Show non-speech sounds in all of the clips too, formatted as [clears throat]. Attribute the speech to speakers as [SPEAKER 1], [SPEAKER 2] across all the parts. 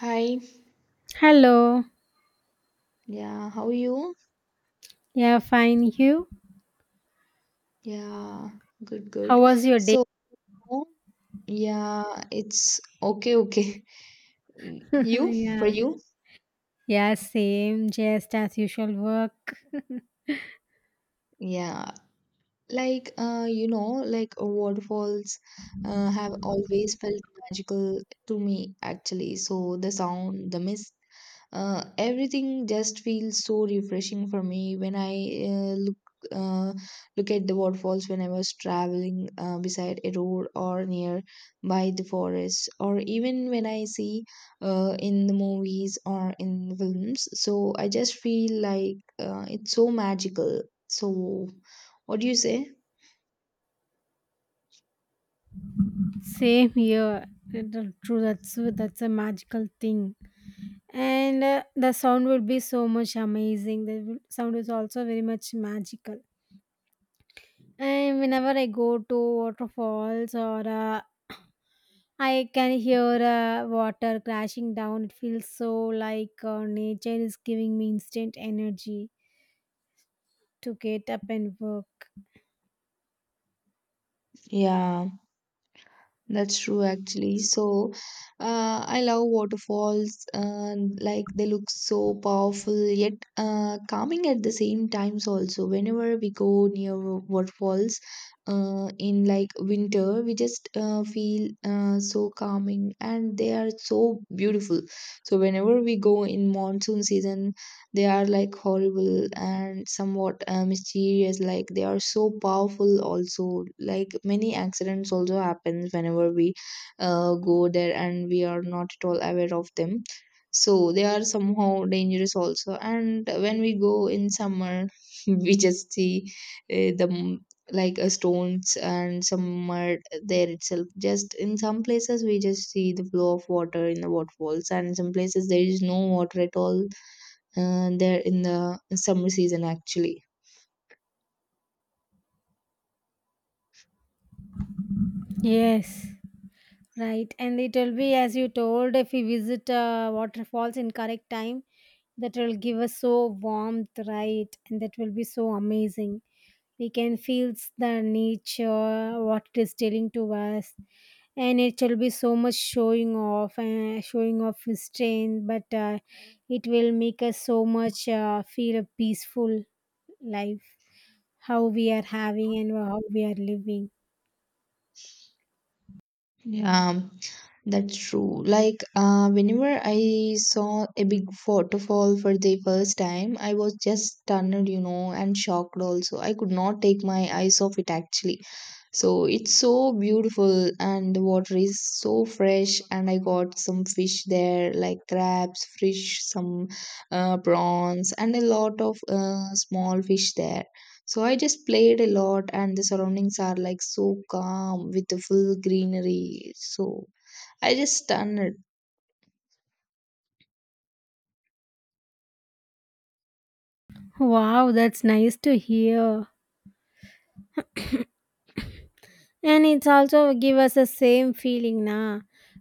[SPEAKER 1] Hi,
[SPEAKER 2] Hello.
[SPEAKER 1] yeah, how are you?
[SPEAKER 2] Yeah, fine. You?
[SPEAKER 1] Yeah, good,
[SPEAKER 2] How
[SPEAKER 1] good.
[SPEAKER 2] was your day?
[SPEAKER 1] So, yeah, it's okay, okay. [laughs]
[SPEAKER 2] [laughs]
[SPEAKER 1] You, for
[SPEAKER 2] yeah.
[SPEAKER 1] you?
[SPEAKER 2] Yeah, same. Just as usual work.
[SPEAKER 1] Yeah, like waterfalls have always felt magical to me, actually. So the sound, the mist, everything just feels so refreshing for me when I uh, look at the waterfalls when I was traveling beside a road or near by the forest, or even when I see in the movies or in the films. So I just feel like it's so magical. So what do you say?
[SPEAKER 2] Same here. True. That's a magical thing. And The sound will be so much amazing. The sound is also very much magical. And whenever I go to waterfalls or I can hear water crashing down. It feels so like nature is giving me instant energy to get up and work.
[SPEAKER 1] Yeah, that's true actually. So, I love waterfalls and like they look so powerful yet calming at the same times also. Whenever we go near waterfalls in like winter, we just feel so calming and they are so beautiful. So whenever we go in monsoon season, they are like horrible and somewhat mysterious, like they are so powerful also, like many accidents also happens whenever we go there and we are not at all aware of them, so they are somehow dangerous also. And when we go in summer [laughs] we just see the m- like stones and some mud there itself. Just in some places we just see the flow of water in the waterfalls, and in some places there is no water at all there in the summer season actually.
[SPEAKER 2] Yes, right. And it will be, as you told, if we visit waterfalls in correct time, that will give us so warmth, right? And that will be so amazing. We can feel the nature, what it is telling to us. And it will be so much showing off and showing off his strength, but it will make us so much feel a peaceful life, how we are having and how we are living.
[SPEAKER 1] um that's true. Like, whenever I saw a big waterfall for the first time, I was just stunned, and shocked also. I could not take my eyes off it actually. So it's so beautiful and the water is so fresh, and I got some fish there like crabs, fish, some prawns and a lot of small fish there. So I just played a lot and the surroundings are like so calm with the full greenery. So I just stunned.
[SPEAKER 2] Wow, that's nice to hear. And it's also give us the same feeling na,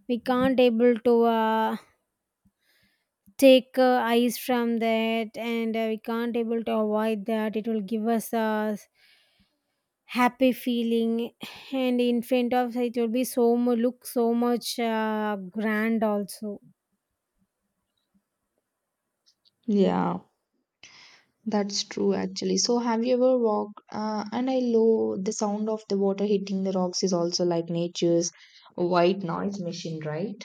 [SPEAKER 2] we can't able to take ice from that, and we can't able to avoid that. It will give us a happy feeling, and in front of it will be so mu look so much grand also.
[SPEAKER 1] Yeah, that's true actually. So have you ever walked and I love the sound of the water hitting the rocks is also like nature's white noise machine, right?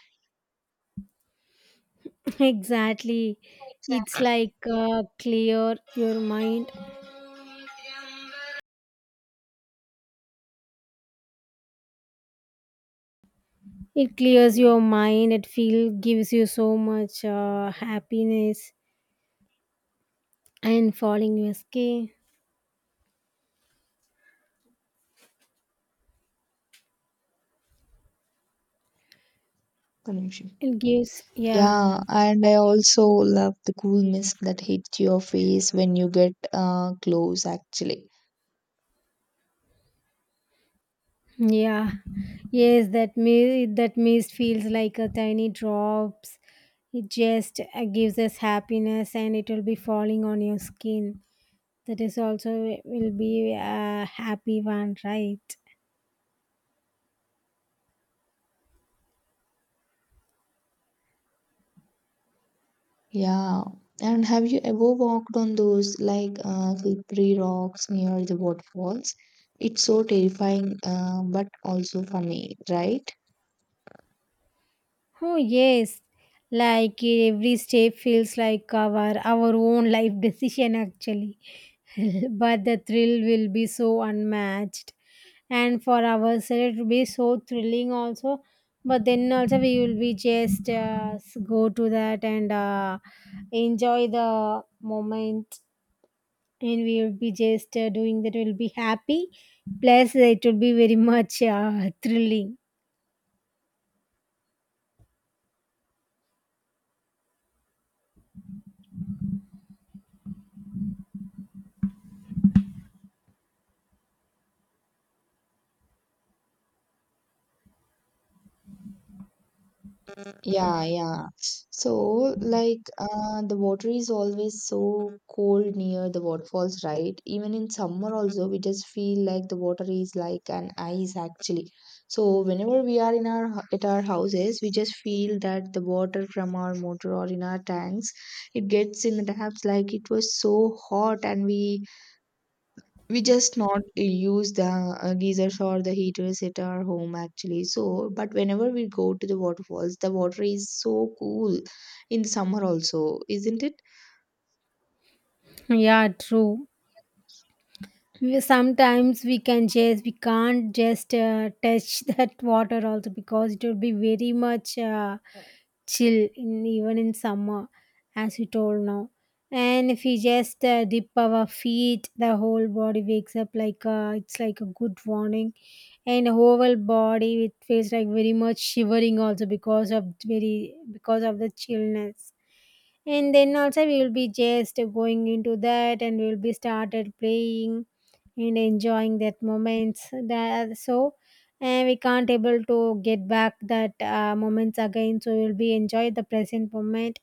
[SPEAKER 2] [laughs] Exactly, it's like clear your mind. It clears your mind. It feel gives you so much happiness and falling your skin.
[SPEAKER 1] Pollution.
[SPEAKER 2] It gives, yeah,
[SPEAKER 1] Yeah, and I also love the cool mist that hits your face when you get close, actually.
[SPEAKER 2] yeah, yes. That mist feels like a tiny drops. It just gives us happiness, and it will be falling on your skin. That is also will be a happy one, right?
[SPEAKER 1] Yeah, and have you ever walked on those like slippery rocks near the waterfalls? It's so terrifying, but also funny, right?
[SPEAKER 2] Oh yes, like every step feels like our own life decision actually. [laughs] But the thrill will be so unmatched, and for ourselves it will be so thrilling also, but then also we will be just go to that and enjoy the moment, and we will be just doing that. We will be happy, plus it will be very [laughs] much thrilling.
[SPEAKER 1] Yeah, yeah. So, like, the water is always so cold near the waterfalls, right? Even in summer, also, we just feel like the water is like an ice, actually. So, whenever we are in our at our houses, we just feel that the water from our motor or in our tanks, it gets in the taps like it was so hot, and we just not use the geysers or the heaters at our home actually. So but whenever we go to the waterfalls, the water is so cool in summer also, isn't it?
[SPEAKER 2] Yeah, true. Sometimes we can just, we can't just touch [laughs] that water also because it will be very much chill in even in summer, as you told now. And if we just dip our feet, the whole body wakes up like it's like a good warning, and whole body it feels like very much shivering also because of very because of the chillness. And then also we will be just going into that, and we'll be started playing and enjoying that moments, that so. And we can't able to get back that moments again, so we'll be enjoy the present moment.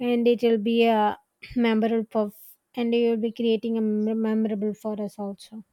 [SPEAKER 2] And it will be a [clears throat] memorable for, and you will be creating a memorable for us also.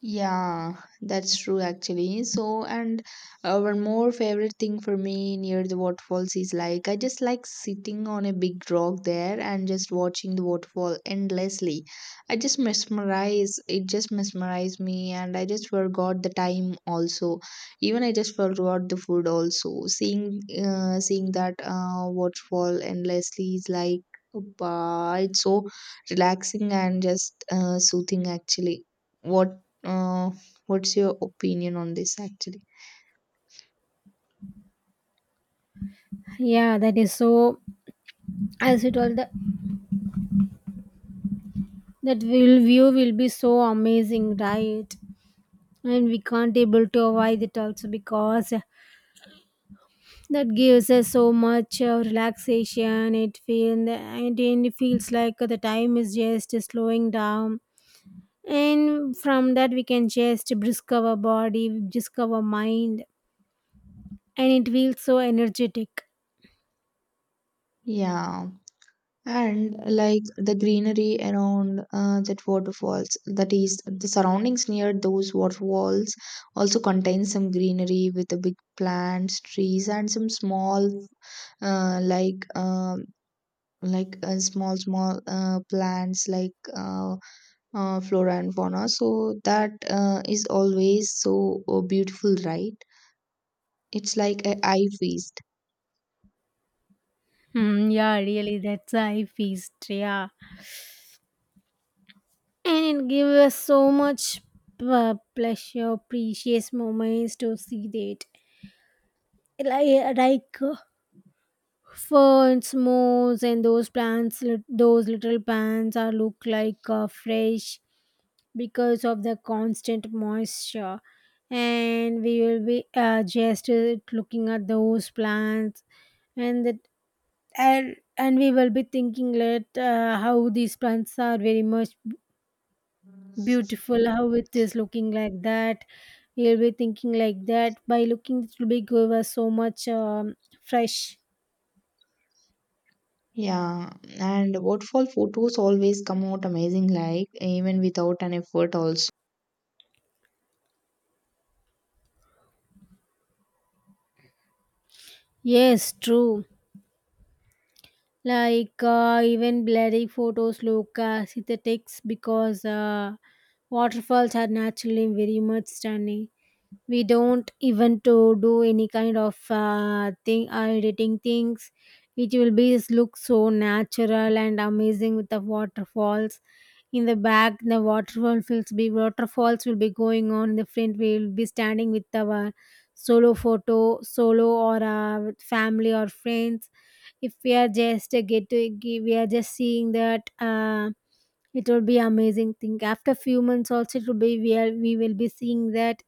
[SPEAKER 1] Yeah, that's true actually. So, and one more favorite thing for me near the waterfalls is like I just like sitting on a big rock there and just watching the waterfall endlessly. It just mesmerized me, and I just forgot the time also. Even I just forgot the food also. Seeing that waterfall endlessly is like, it's so relaxing and just soothing actually. What uh, what's your opinion on this actually?
[SPEAKER 2] Yeah, that is so, as it all the, that will view will be so amazing, right? And we can't able to avoid it also, because that gives us so much relaxation. It feels like the time is just slowing down, and from that we can just brisk our mind, and it feels so energetic.
[SPEAKER 1] Yeah. And like the greenery around that waterfalls, that is the surroundings near those waterfalls also contain some greenery with the big plants, trees, and some small uh, like um, small small plants like flora and fauna. So that is always so beautiful, right? It's like a eye feast.
[SPEAKER 2] Hmm, yeah, really, that's a high feast. Yeah, and it gives us so much pleasure, precious moments to see that. Like ferns, moss, and those plants, those little plants are look like fresh because of the constant moisture. And we will be just looking at those plants, and that and we will be thinking that how these plants are very much beautiful, how it is looking like that. We'll be thinking like that. By looking, it will be give us so much fresh.
[SPEAKER 1] Yeah, and waterfall photos always come out amazing, like even without an effort, also.
[SPEAKER 2] Yes, true. Like even blurry photos look synthetic, because waterfalls are naturally very much stunning. We don't even to do any kind of thing editing things. It will be look so natural and amazing with the waterfalls. In the back the waterfalls will be going on. In the front we will be standing with our solo or with family or friends. If we are just we are just seeing that it will be amazing thing. After few months also, it will be, we will be seeing that,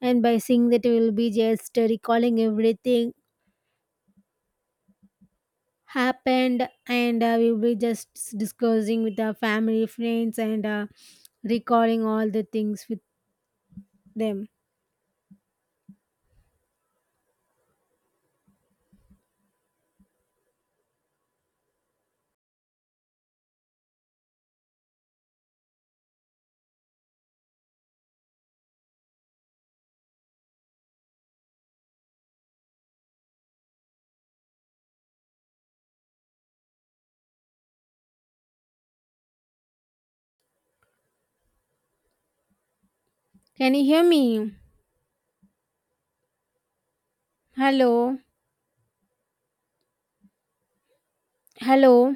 [SPEAKER 2] and by seeing that we will be just recalling everything happened, and we will be just discussing with our family friends and recalling all the things with them. Can you hear me? Hello. Hello.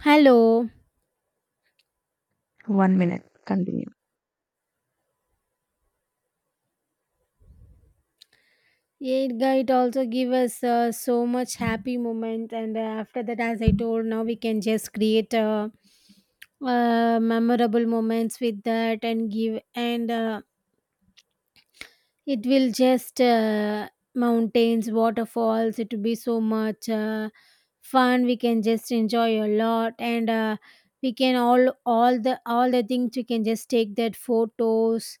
[SPEAKER 2] Hello.
[SPEAKER 1] One minute. Continue.
[SPEAKER 2] Yeah, it also give us so much happy moment, and after that, as I told now, we can just create memorable moments with that and give, and it will just mountains, waterfalls. It will be so much fun. We can just enjoy a lot, and we can all the things we can just take that photos.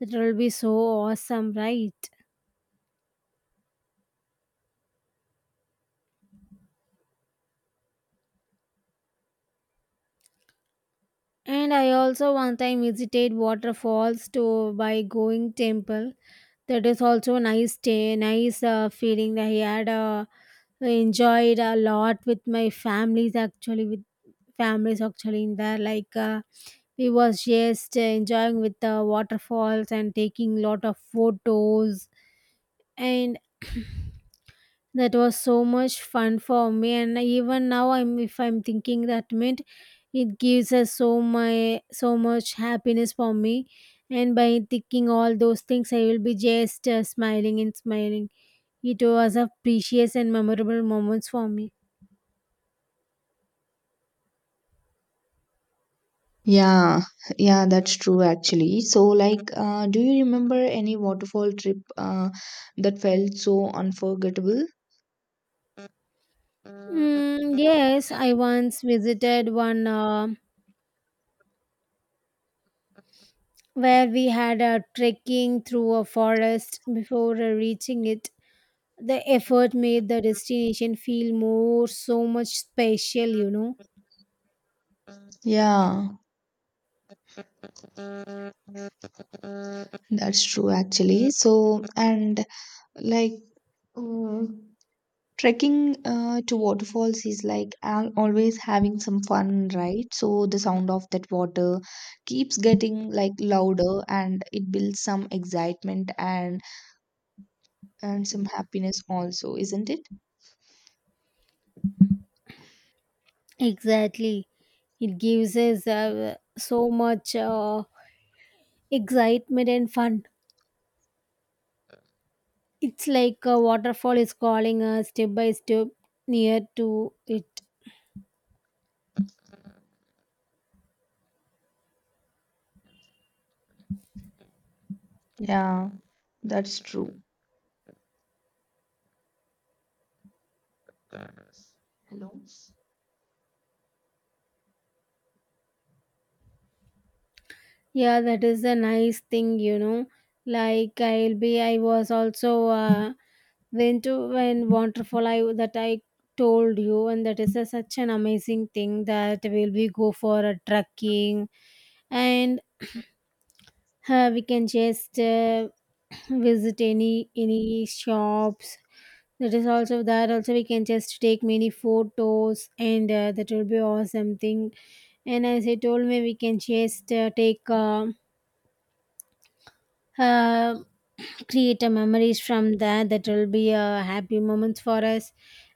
[SPEAKER 2] That will be so awesome, right? And I also one time visited waterfalls to by going temple. That is also nice day, nice feeling. I had enjoyed a lot with my families actually in there like. We was just enjoying with the waterfalls and taking lot of photos, and that was so much fun for me. And even now, I'm if I'm thinking that meant, it gives us so my so much happiness for me. And by thinking all those things, I will be just smiling and smiling. It was a precious and memorable moments for me.
[SPEAKER 1] Yeah, yeah, that's true actually. So, like, do you remember any waterfall trip that felt so unforgettable?
[SPEAKER 2] Mm, yes, I once visited one where we had a trekking through a forest before reaching it. The effort made the destination feel more so much special, you know.
[SPEAKER 1] Yeah, that's true actually. So, and like, mm, trekking to waterfalls is like always having some fun, right? So the sound of that water keeps getting like louder and it builds some excitement and some happiness also, isn't it?
[SPEAKER 2] Exactly. It gives us so much excitement and fun. It's like a waterfall is calling us step by step near to it.
[SPEAKER 1] Yeah, that's true. Hello.
[SPEAKER 2] Yeah, that is a nice thing, you know. Like I was also went to when waterfall. I that I told you, and that is a, such an amazing thing that will we go for a trekking, and we can just [clears throat] visit any shops. That also we can just take many photos, and that will be awesome thing. And as I told me, we can just take. Uh, Create a memories from there. That will be a happy moments for us.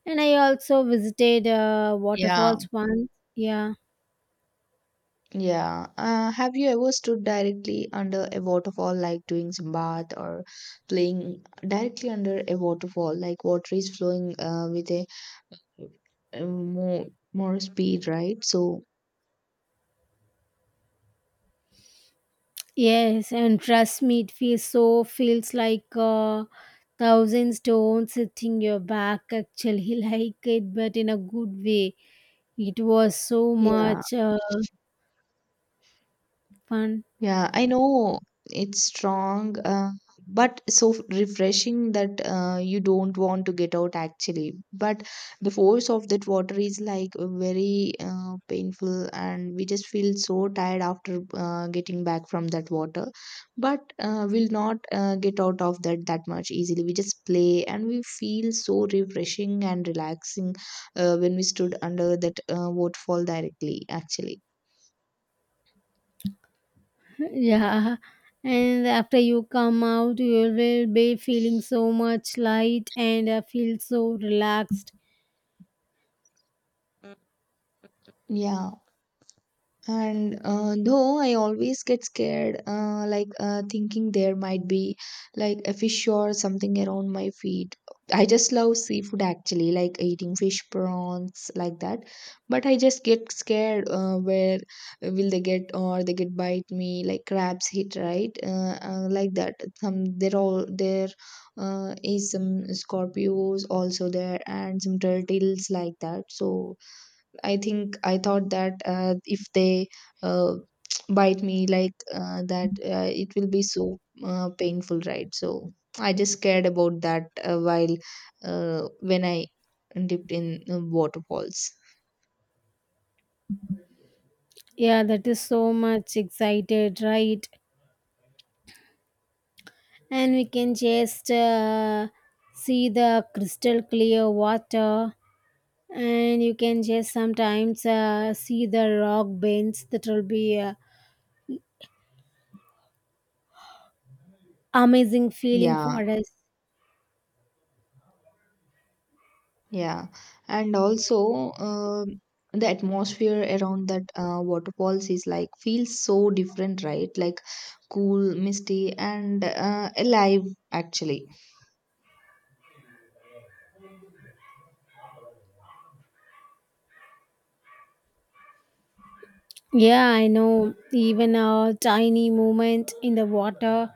[SPEAKER 2] And I also visited
[SPEAKER 1] Yeah.
[SPEAKER 2] waterfalls once. Yeah.
[SPEAKER 1] Yeah. Have you ever stood directly under a waterfall, like doing some bath or playing directly under a waterfall, like water is flowing with a more more speed, right? So
[SPEAKER 2] Yes, and trust me, it feels so, feels like thousand stones hitting your back actually, [laughs] like it, but in a good way. It was so
[SPEAKER 1] yeah.
[SPEAKER 2] much fun.
[SPEAKER 1] Yeah, I know it's strong, but so refreshing that you don't want to get out actually. But the force of that water is like very painful, and we just feel so tired after getting back from that water. But we'll not get out of that that much easily. We just play and we feel so refreshing and relaxing when we stood under that waterfall directly, actually.
[SPEAKER 2] [laughs] Yeah, and after you come out, you will be feeling so much light and feel so relaxed.
[SPEAKER 1] Yeah. And though I always get scared, thinking there might be like a fish or something around my feet. I just love seafood actually, like eating fish prawns like that. But I just get scared. Where will they get or they get bite me? Like crabs hit right, like that. Some they're all there. Is some scorpios also there and some turtles like that. So I think I thought that if they uh, [tsk] bite me like that, it will be so painful, right? So I just cared about that while when I dipped in waterfalls.
[SPEAKER 2] Yeah, that is so much excited, right? And we can just see the crystal clear water, and you can just sometimes see the rock bends. That will be a amazing feeling
[SPEAKER 1] Yeah,
[SPEAKER 2] for us.
[SPEAKER 1] yeah, and also the atmosphere around that waterfalls is like feels so different, right? Like cool, misty, and alive actually.
[SPEAKER 2] Yeah, I know. Even a tiny movement in the water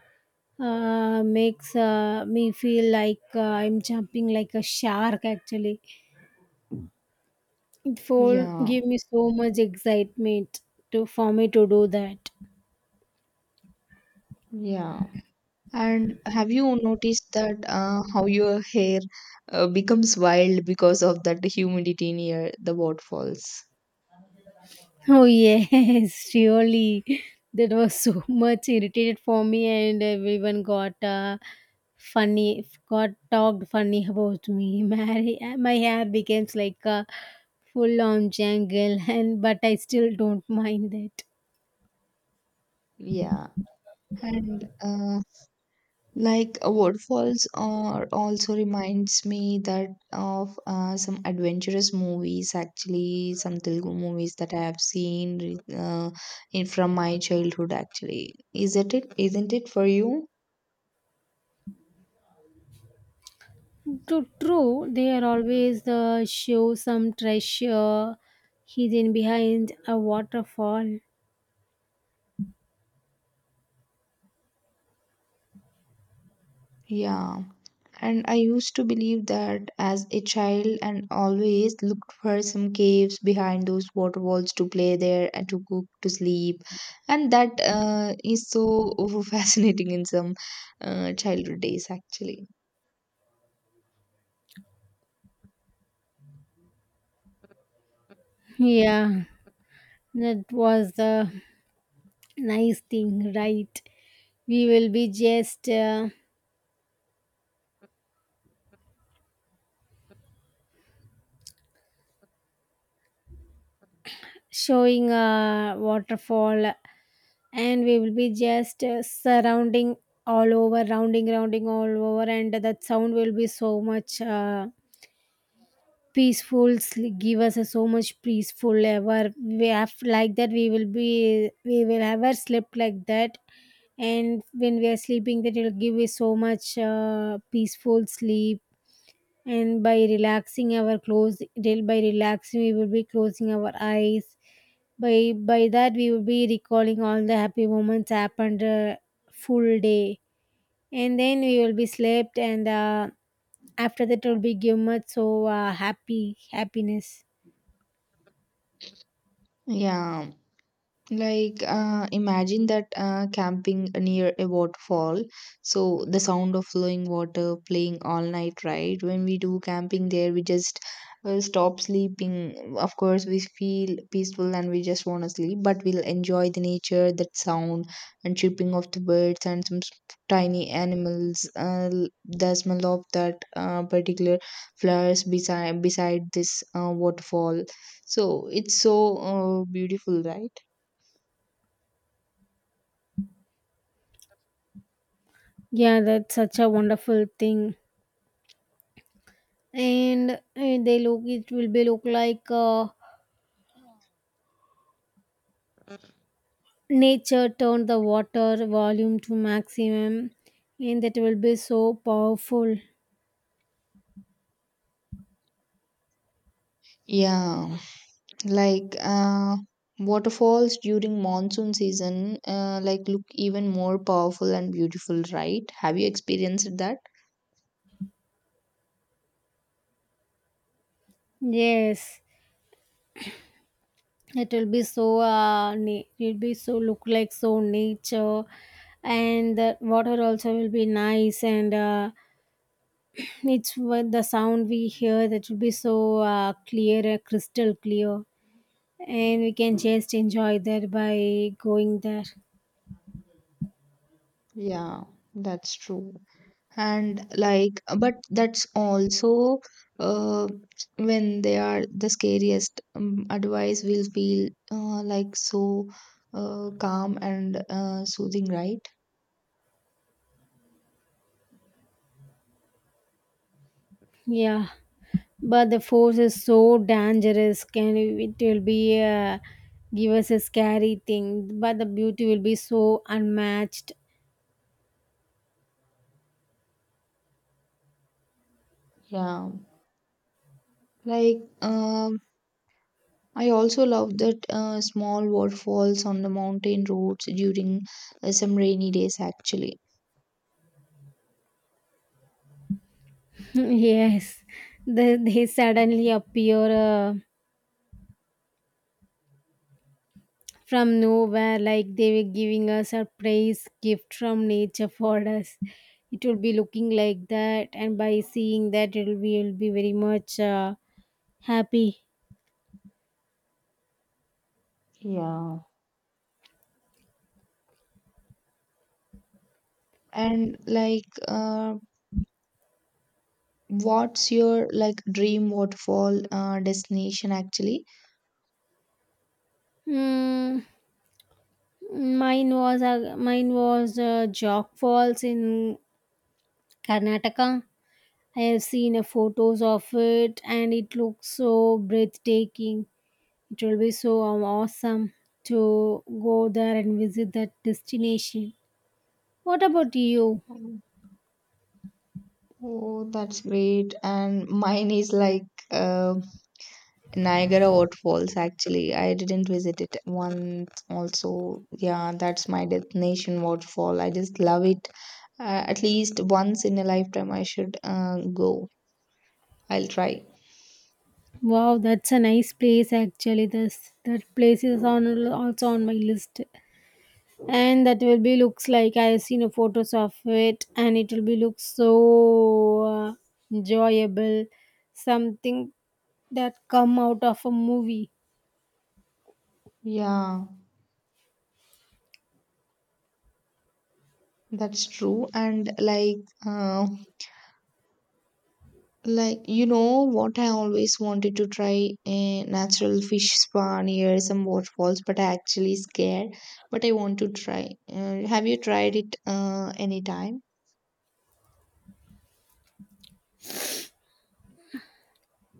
[SPEAKER 2] makes me feel like I'm jumping like a shark, actually. It will
[SPEAKER 1] Yeah,
[SPEAKER 2] give me so much excitement to for me to do that.
[SPEAKER 1] yeah. And have you noticed that how your hair becomes wild because of that humidity near the waterfalls?
[SPEAKER 2] Oh yes, [laughs] surely that was so [laughs] much irritated for me, and everyone got got talked funny about me. [laughs] My hair becomes like a full on jangle, [laughs] and but I still don't mind that.
[SPEAKER 1] Yeah. And waterfalls are also reminds me that of some adventurous movies, actually, some Telugu movies that I have seen in from my childhood, actually. Is it it? Isn't it for you?
[SPEAKER 2] True, true. They are always show some treasure hidden behind a waterfall.
[SPEAKER 1] Yeah. And I used to believe that as a child and always looked for some caves behind those waterfalls to play there and to cook, to sleep. And that is so [laughs] fascinating in some childhood days, actually.
[SPEAKER 2] Yeah. That was the nice thing, right? We will be just showing a waterfall, and we will be just surrounding all over, rounding all over, and that sound will be so much peaceful, give us a so much peaceful ever. We have like that, we will ever slept like that. And when we are sleeping, that will give us so much peaceful sleep. And by relaxing our by relaxing, we will be closing our eyes. By that, we will be recalling all the happy moments happened full day, and then we will be slept, and after that, it will be give much so happy happiness.
[SPEAKER 1] Yeah. Like, imagine that camping near a waterfall. So, the sound of flowing water playing all night, right? When we do camping there, we just stop sleeping. Of course, we feel peaceful and we just want to sleep, but we'll enjoy the nature, that sound, and chirping of the birds and some tiny animals. The smell of that particular flowers beside this waterfall. So, it's so beautiful, right?
[SPEAKER 2] Yeah, that's such a wonderful thing. And they look, it will be look like nature turned the water volume to maximum, and that will be so powerful.
[SPEAKER 1] Yeah, like waterfalls during monsoon season, like look even more powerful and beautiful, right? Have you experienced that?
[SPEAKER 2] Yes, it will be so it will be so look like so nature, and the water also will be nice, and it's what the sound we hear, that will be so clear, crystal clear, and we can just enjoy there by going there.
[SPEAKER 1] Yeah, that's true. And like, but that's also uh, when they are the scariest. Otherwise, we'll feel like so calm and soothing, right?
[SPEAKER 2] Yeah, but the force is so dangerous. Can it will be give us a scary thing, but the beauty will be so unmatched.
[SPEAKER 1] Yeah. Like, I also love that small waterfalls on the mountain roads during some rainy days actually.
[SPEAKER 2] [laughs] Yes, they suddenly appear from nowhere like they were giving a surprise gift from nature for us. It will be looking like that, and by seeing that, will be very much happy.
[SPEAKER 1] Yeah. And like, what's your like dream waterfall destination actually?
[SPEAKER 2] Mm, mine was Jock Falls in Karnataka. I have seen photos of it, and it looks so breathtaking. It will be so awesome to go there and visit that destination. What about you?
[SPEAKER 1] Oh, that's great. And mine is like uh, Niagara Waterfalls actually. I didn't visit it once also. Yeah, that's my destination waterfall. I just love it. At least once in a lifetime I should go. I'll try.
[SPEAKER 2] Wow, that's a nice place actually. This That place is on also on my list, and that will be looks like I have seen a photos of it, and it will be looks so uh, enjoyable, something that come out of a movie.
[SPEAKER 1] Yeah, that's true. And like, uh, you know what, I always wanted to try a natural fish spa near some waterfalls, but I actually scared. But I want to try. Have you tried it anytime?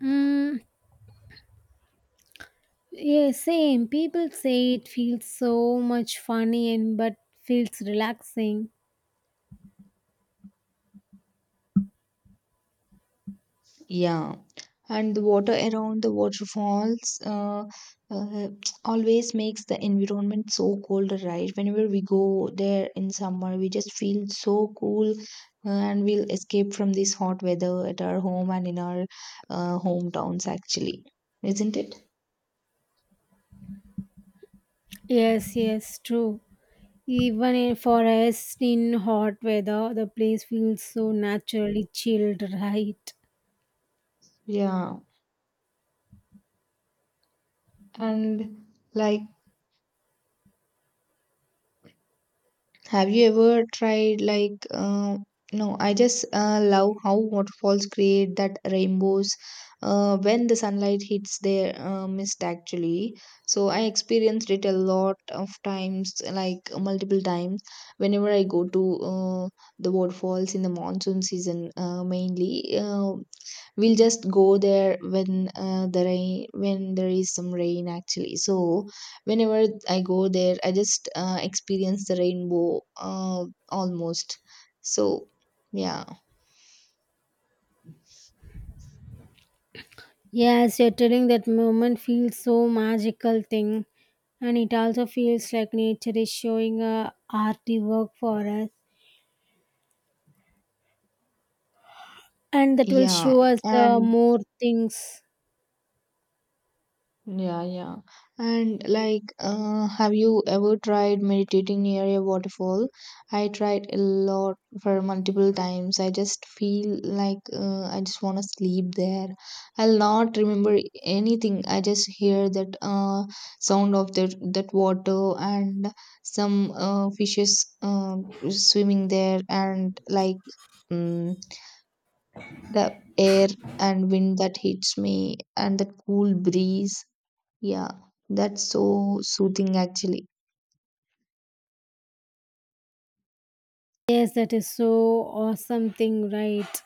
[SPEAKER 2] Mm, yeah, same. People say it feels so much funny and but feels relaxing.
[SPEAKER 1] Yeah, and the water around the waterfalls uh, [tsk] always makes the environment so cold, right? Whenever we go there in summer, we just feel so cool and we'll escape from this hot weather at our home and in our hometowns, actually, isn't it?
[SPEAKER 2] Yes, yes, true. Even in, for us in hot weather, the place feels so naturally chilled, [laughs] right?
[SPEAKER 1] Yeah, and like, have you ever tried like no, I just love how waterfalls create that rainbows when the sunlight hits their mist actually. So I experienced it a lot of times, like multiple times, whenever I go to the waterfalls in the monsoon season mainly. We'll just go there when there is some rain actually. So whenever I go there, I just experience the rainbow almost. So yeah,
[SPEAKER 2] Yes, you're telling that moment feels so magical thing, and it also feels like nature is showing a arty work for us, and that will
[SPEAKER 1] yeah,
[SPEAKER 2] show us the
[SPEAKER 1] and
[SPEAKER 2] more things.
[SPEAKER 1] yeah, yeah. And like, have you ever tried meditating near a waterfall? I tried a lot for multiple times. I just feel like I just want to sleep there. I'll not remember anything. I just hear that sound of that water and some fishes swimming there, and like mm the air and wind that hits me, and that cool breeze, yeah, that's so soothing actually.
[SPEAKER 2] Yes, that is so awesome thing, right?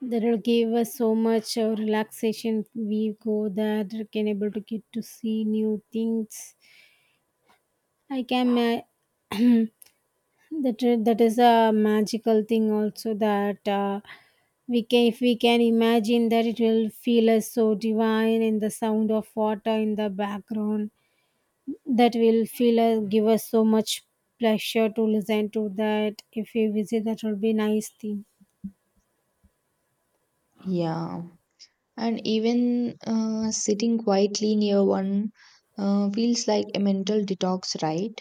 [SPEAKER 2] That will give us so much relaxation. We go there, we can able to get to see new things I can ma- [clears throat] that that is a magical thing also that we can if we can imagine that it will feel us so divine in the sound of water in the background that will feel us give us so much pleasure to listen to that if we visit that will be nice thing.
[SPEAKER 1] Yeah. And even sitting quietly near one feels like a mental detox, right?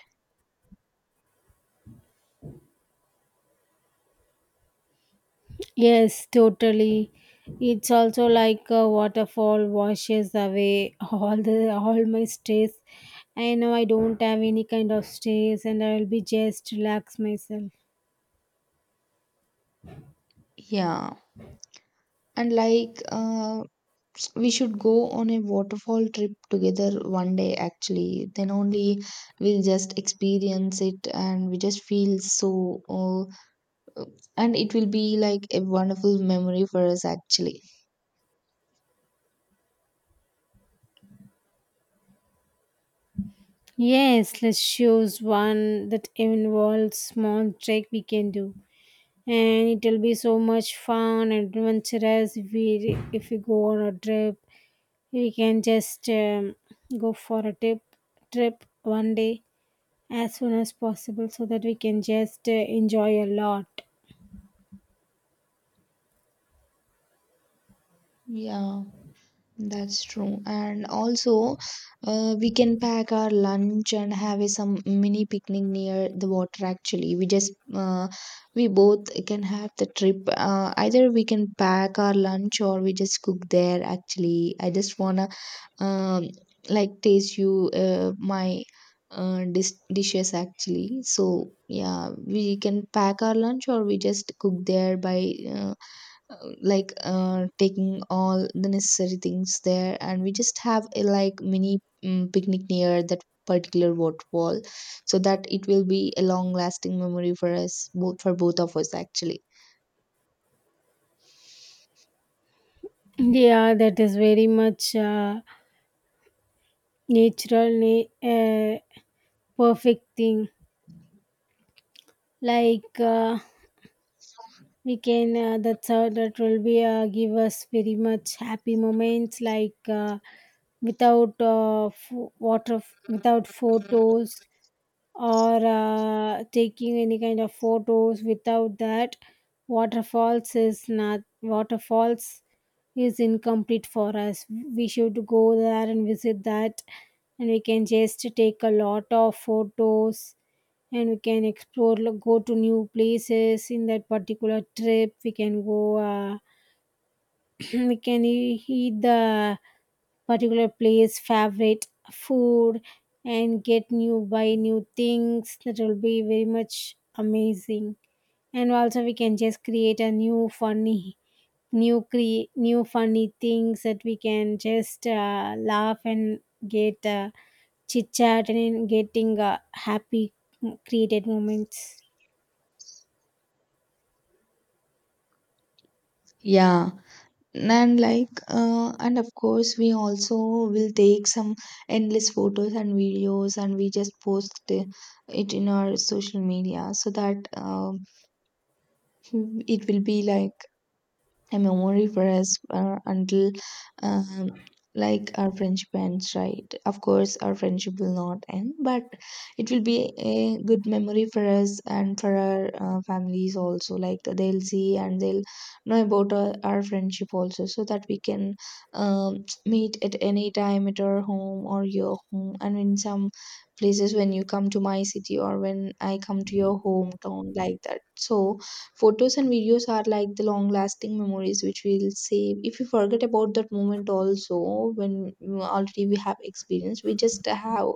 [SPEAKER 2] Yes, totally. It's also like a waterfall washes away [laughs] all my stress. I know I don't have any kind of stress and I'll be just relax myself.
[SPEAKER 1] Yeah. And we should go on a waterfall trip together one day actually. Then only we'll just experience it and we just feel so, and it will be like a wonderful memory for us actually.
[SPEAKER 2] Yes, let's choose one that involves small trek we can do. And it'll be so much fun and adventurous if we go on a trip. We can just go for a trip one day, as soon as possible so that we can just enjoy a lot.
[SPEAKER 1] Yeah, that's true. And also, we can pack our lunch and have a some mini picnic near the water actually. We just we both can have the trip. Either we can pack our lunch or we just cook there actually. I just wanna um like taste you my dishes actually. So yeah, we can pack our lunch or we just cook there by taking all the necessary things there and we just have a like mini picnic near that particular waterfall so that it will be a long lasting memory for us both for both of us actually.
[SPEAKER 2] Yeah, that is very much natural, perfect thing. Like we can, that's how that will be give us very much happy moments. Like without water, without photos, or taking any kind of photos without that waterfalls is not waterfalls is incomplete for us. We should go there and visit that, and we can just take a lot of photos, and we can explore go to new places. In that particular trip we can go [clears throat] we can eat the particular place, favorite food, and get new buy new things. That will be very much amazing. And also we can just create a new funny, new funny things that we can just laugh and get chit chat and then getting happy created moments.
[SPEAKER 1] Yeah. And and of course we also will take some endless photos and videos and we just post it in our social media so that it will be like a memory for us until um, like our friendship ends, right? Of course our friendship will not end, but it will be a good memory for us and for our families also. Like, they'll see and they'll know about our friendship also, so that we can um, meet at any time at our home or your home, and in some places when you come to my city or when I come to your hometown, like that. So photos and videos are like the long lasting memories which we'll save. If we forget about that moment also, when already we have experience, we just have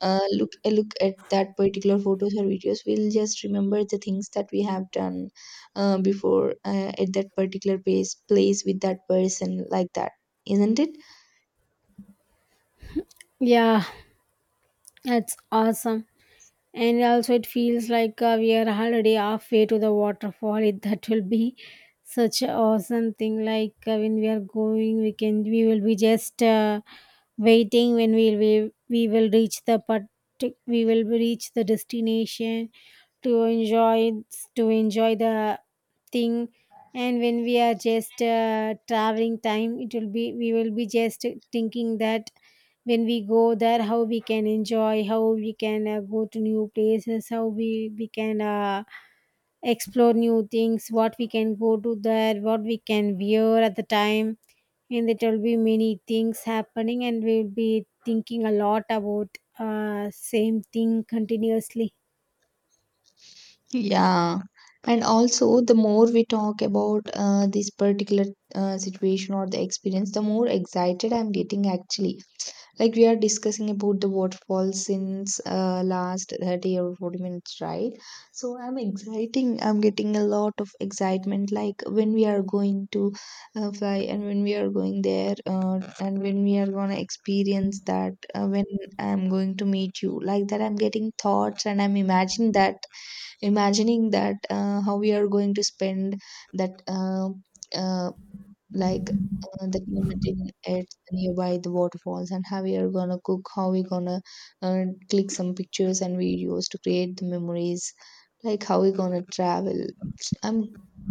[SPEAKER 1] look a look at that particular photos or videos. We'll just remember the things that we have done before at that particular place with that person, like that, isn't it?
[SPEAKER 2] Yeah, that's awesome. And also it feels like we are already halfway to the waterfall. That will be such a awesome thing, like when we are going we will be just waiting when we will reach the part we will reach the destination to enjoy the thing. And when we are just traveling time, it will be we will be just thinking that when we go there, how we can enjoy, how we can go to new places, how we can explore new things, what we can go to there, what we can wear at the time. And there will be many things happening, and we will be thinking a lot about same thing continuously.
[SPEAKER 1] Yeah. Yeah. And also, the more we talk about this particular situation or the experience, the more excited I'm getting actually. Like, we are discussing about the waterfall since last 30 or 40 minutes, right? So I'm getting a lot of excitement, like when we are going to fly, and when we are going there, and when we are going to experience that, when I'm going to meet you, like that. I'm getting thoughts and I'm imagining that how we are going to spend that uh, like the community at nearby the waterfalls, and how we are gonna cook, how we gonna uh, click some pictures and videos to create the memories, like how we gonna travel. I'm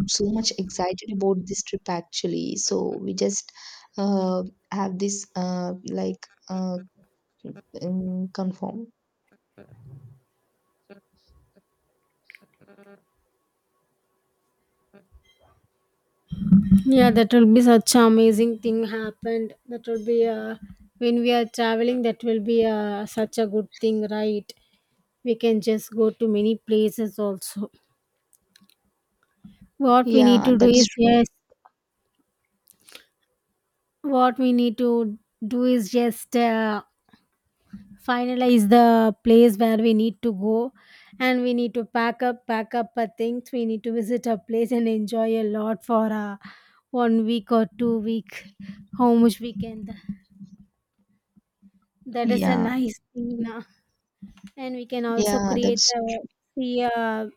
[SPEAKER 1] so much excited about this trip actually, so we just uh, have this confirm.
[SPEAKER 2] Yeah, that will be such an amazing thing happened. That will be when we are traveling, that will be such a good thing, right? We can just go to many places also. What we need
[SPEAKER 1] Yeah,
[SPEAKER 2] to do
[SPEAKER 1] that's
[SPEAKER 2] is
[SPEAKER 1] true.
[SPEAKER 2] just what we need to do is just finalize the place where we need to go, and we need to pack up our things. We need to visit a place and enjoy a lot for 1 week or 2 week, how much we can. That is a
[SPEAKER 1] yeah
[SPEAKER 2] nice thing, now. And we can also
[SPEAKER 1] yeah
[SPEAKER 2] create
[SPEAKER 1] that's
[SPEAKER 2] a, see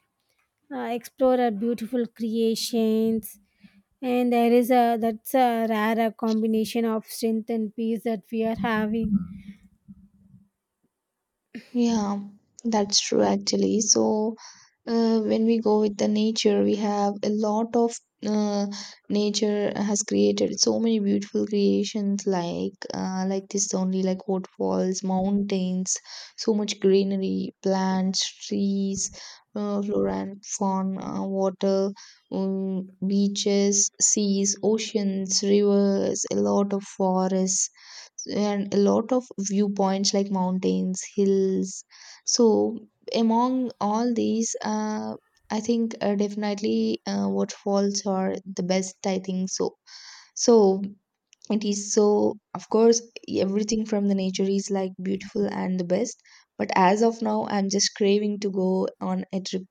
[SPEAKER 2] explore our beautiful creations. And there is a that's a rare combination of strength and peace that we are having.
[SPEAKER 1] yeah, that's true actually. So when we go with the nature, we have a lot of uh, nature has created so many beautiful creations, like this only, like waterfalls, mountains, so much greenery, plants, trees, flora and fauna, water, um, beaches, seas, oceans, rivers, a lot of forests, and a lot of viewpoints like mountains, hills. So among all these, I think definitely waterfalls are the best, I think so. So it is, so of course everything from the nature is like beautiful and the best, but as of now I'm just craving to go on a trip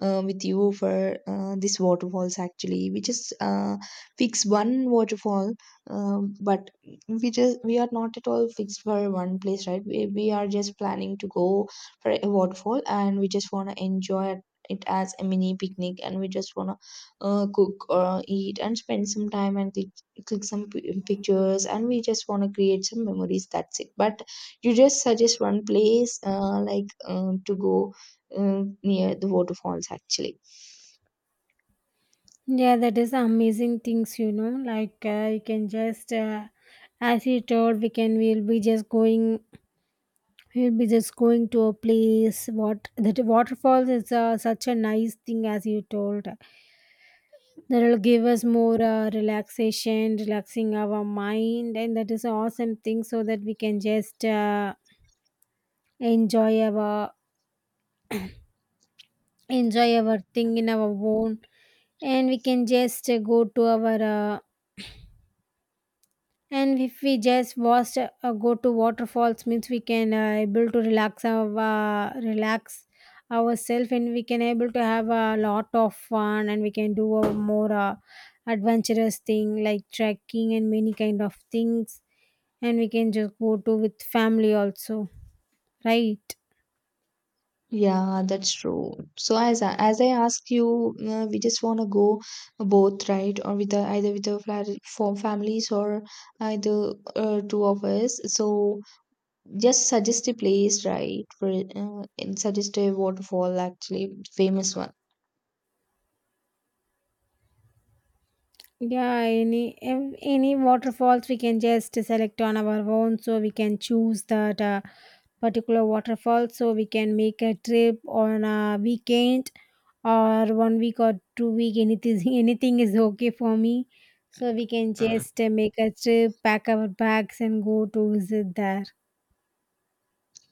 [SPEAKER 1] with you for this waterfalls actually. We just fix one waterfall, but we just, we are not at all fixed for one place, right? We are just planning to go for a waterfall and we just want to enjoy it as a mini picnic, and we just want to cook or eat and spend some time and took some pictures, and we just want to create some memories, that's it. But you just suggest one place to go near the waterfalls actually.
[SPEAKER 2] Yeah, that is amazing things, you know. Like you can just, as you told, we'll be just going, we'll be just going to a place. What that waterfalls is such a nice thing, as you told. That will give us more relaxation, relaxing our mind, and that is an awesome thing, so that we can just enjoy our enjoy our thing in our own. And we can just go to our and if we just watch go to waterfalls means we can able to relax ourselves, and we can able to have a lot of fun, and we can do a more adventurous thing like trekking and many kind of things. And we can just go to with family also, right?
[SPEAKER 1] Yeah, that's true. So as I asked you, we just want to go both, right? Or with the, either with the flat for families, or either two of us. So just suggest a place, right, for and suggest a waterfall actually, famous one.
[SPEAKER 2] Yeah, any waterfalls we can just select on our own, so we can choose that particular waterfall, so we can make a trip on a weekend or 1 week or 2 week. Anything [laughs] anything is okay for me, so we can just make a trip, pack our bags, and go to visit there.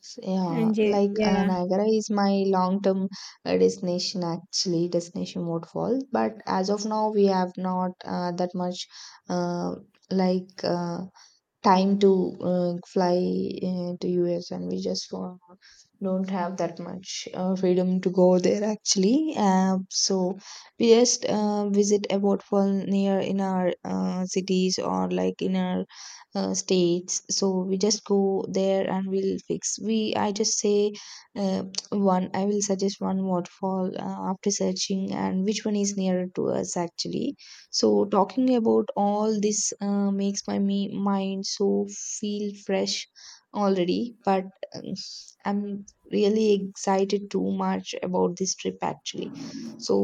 [SPEAKER 1] Yeah, like
[SPEAKER 2] Yeah,
[SPEAKER 1] Niagara is my long-term destination actually, destination waterfall. But as of now, we have not that much uh, like uh, time to fly to US, and we just don't have that much freedom to go there actually. So we just visit a waterfall near in our cities, or like in our states, so we just go there and we'll fix we I just say uh, one I will suggest one waterfall after searching and which one is nearer to us actually. So talking about all this makes my mind so feel fresh already, but um, I'm really excited too much about this trip actually. So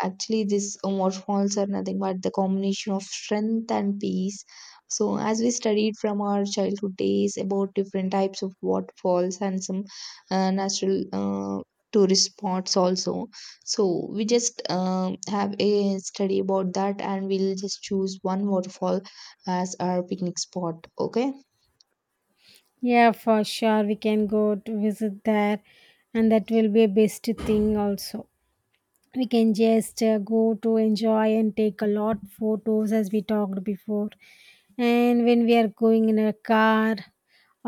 [SPEAKER 1] actually, these waterfalls are nothing but the combination of strength and peace. So, as we studied from our childhood days about different types of waterfalls and some natural tourist spots, also, so we just have a study about that and we'll just choose one waterfall as our picnic spot. Okay,
[SPEAKER 2] yeah, for sure we can go to visit there, and that will be a best thing also. We can just go to enjoy and take a lot photos as we talked before. And when we are going in a car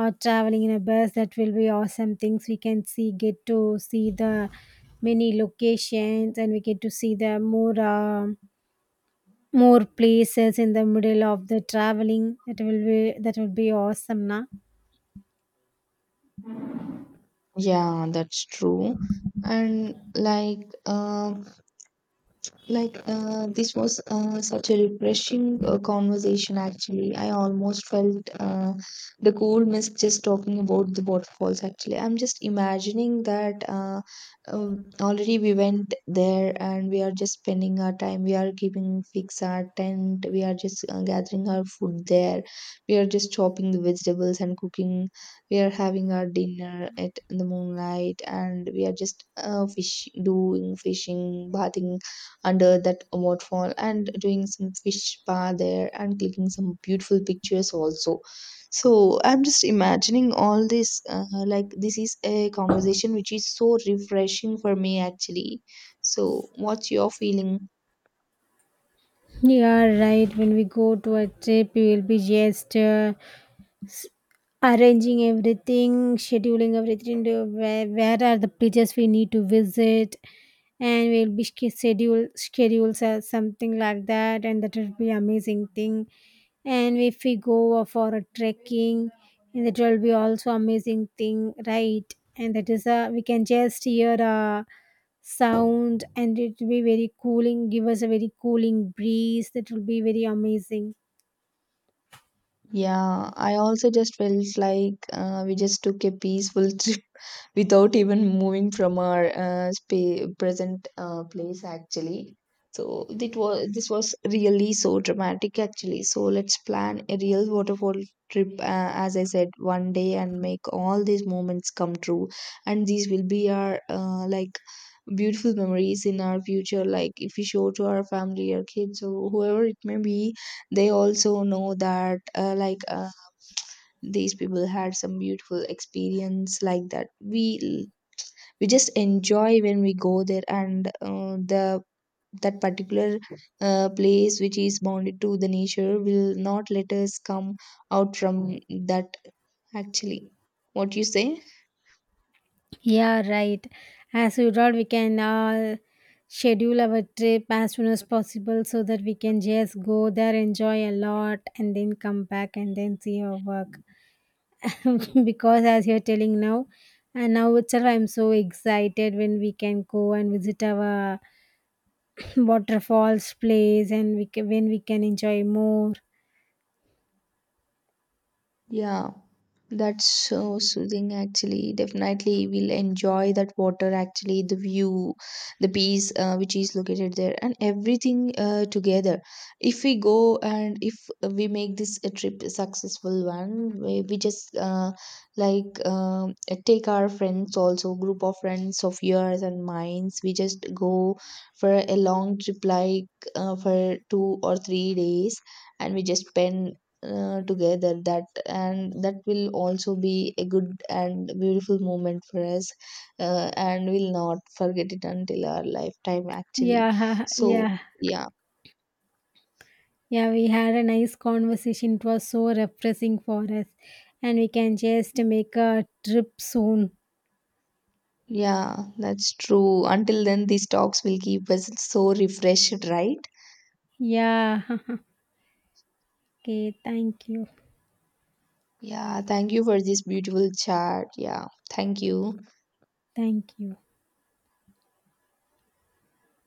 [SPEAKER 2] or traveling in a bus, that will be awesome things. We can see get to see the many locations, and we get to see the more more places in the middle of the traveling. That will be awesome na.
[SPEAKER 1] yeah, that's true. And like, um this was such a refreshing conversation, actually. I almost felt the cool mist just talking about the waterfalls, actually. I'm just imagining that already we went there and we are just spending our time. We are keeping fix our tent. We are just gathering our food there. We are just chopping the vegetables and cooking. We are having our dinner at in the moonlight, and we are just fish doing fishing, bathing under that waterfall, and doing some fish spa there, and clicking some beautiful pictures also. So I'm just imagining all this like, this is a conversation which is so refreshing for me actually. So what's your feeling?
[SPEAKER 2] You are right, when we go to a trip we will be just arranging everything, scheduling everything to where are the places we need to visit, and we'll be schedules or something like that, and that will be amazing thing. And if we go for a trekking, and that will be also amazing thing, right? And that is a, we can just hear a sound, and it will be very cooling, give us a very cooling breeze. That will be very amazing.
[SPEAKER 1] Yeah, I also just felt like we just took a peaceful [laughs] trip without even moving from our present place actually. So it was, this was really so dramatic actually. So let's plan a real waterfall trip as I said one day, and make all these moments come true. And these will be our beautiful memories in our future, like if we show to our family or kids or whoever it may be, they also know that these people had some beautiful experience like that. We just enjoy when we go there, and the that particular place which is bounded to the nature will not let us come out from that actually. What you say?
[SPEAKER 2] Yeah, right. As you told, we can schedule our trip as soon as possible, so that we can just go there, enjoy a lot, and then come back and then see our work. [laughs] Because as you're telling now, and now itself, I'm so excited when we can go and visit our [clears throat] waterfalls place, and we can, when we can enjoy more.
[SPEAKER 1] Yeah, that's so soothing, actually. Definitely we'll enjoy that water, actually, the view, the peace which is located there, and everything together. If we go, and if we make this a trip a successful one, we just like um, take our friends also, group of friends of yours and mines. We just go for a long trip, like for two or three days, and we just spend together that, and that will also be a good and beautiful moment for us, and we'll not forget it until our lifetime actually.
[SPEAKER 2] Yeah, [laughs]
[SPEAKER 1] So
[SPEAKER 2] yeah.
[SPEAKER 1] yeah.
[SPEAKER 2] Yeah, we had a nice conversation. It was so refreshing for us. And we can just make a trip soon.
[SPEAKER 1] Yeah, that's true. Until then, these talks will keep us so refreshed, right?
[SPEAKER 2] Yeah. [laughs] Okay, thank you.
[SPEAKER 1] Yeah, thank you for this beautiful chat. Yeah, thank you.
[SPEAKER 2] Thank you.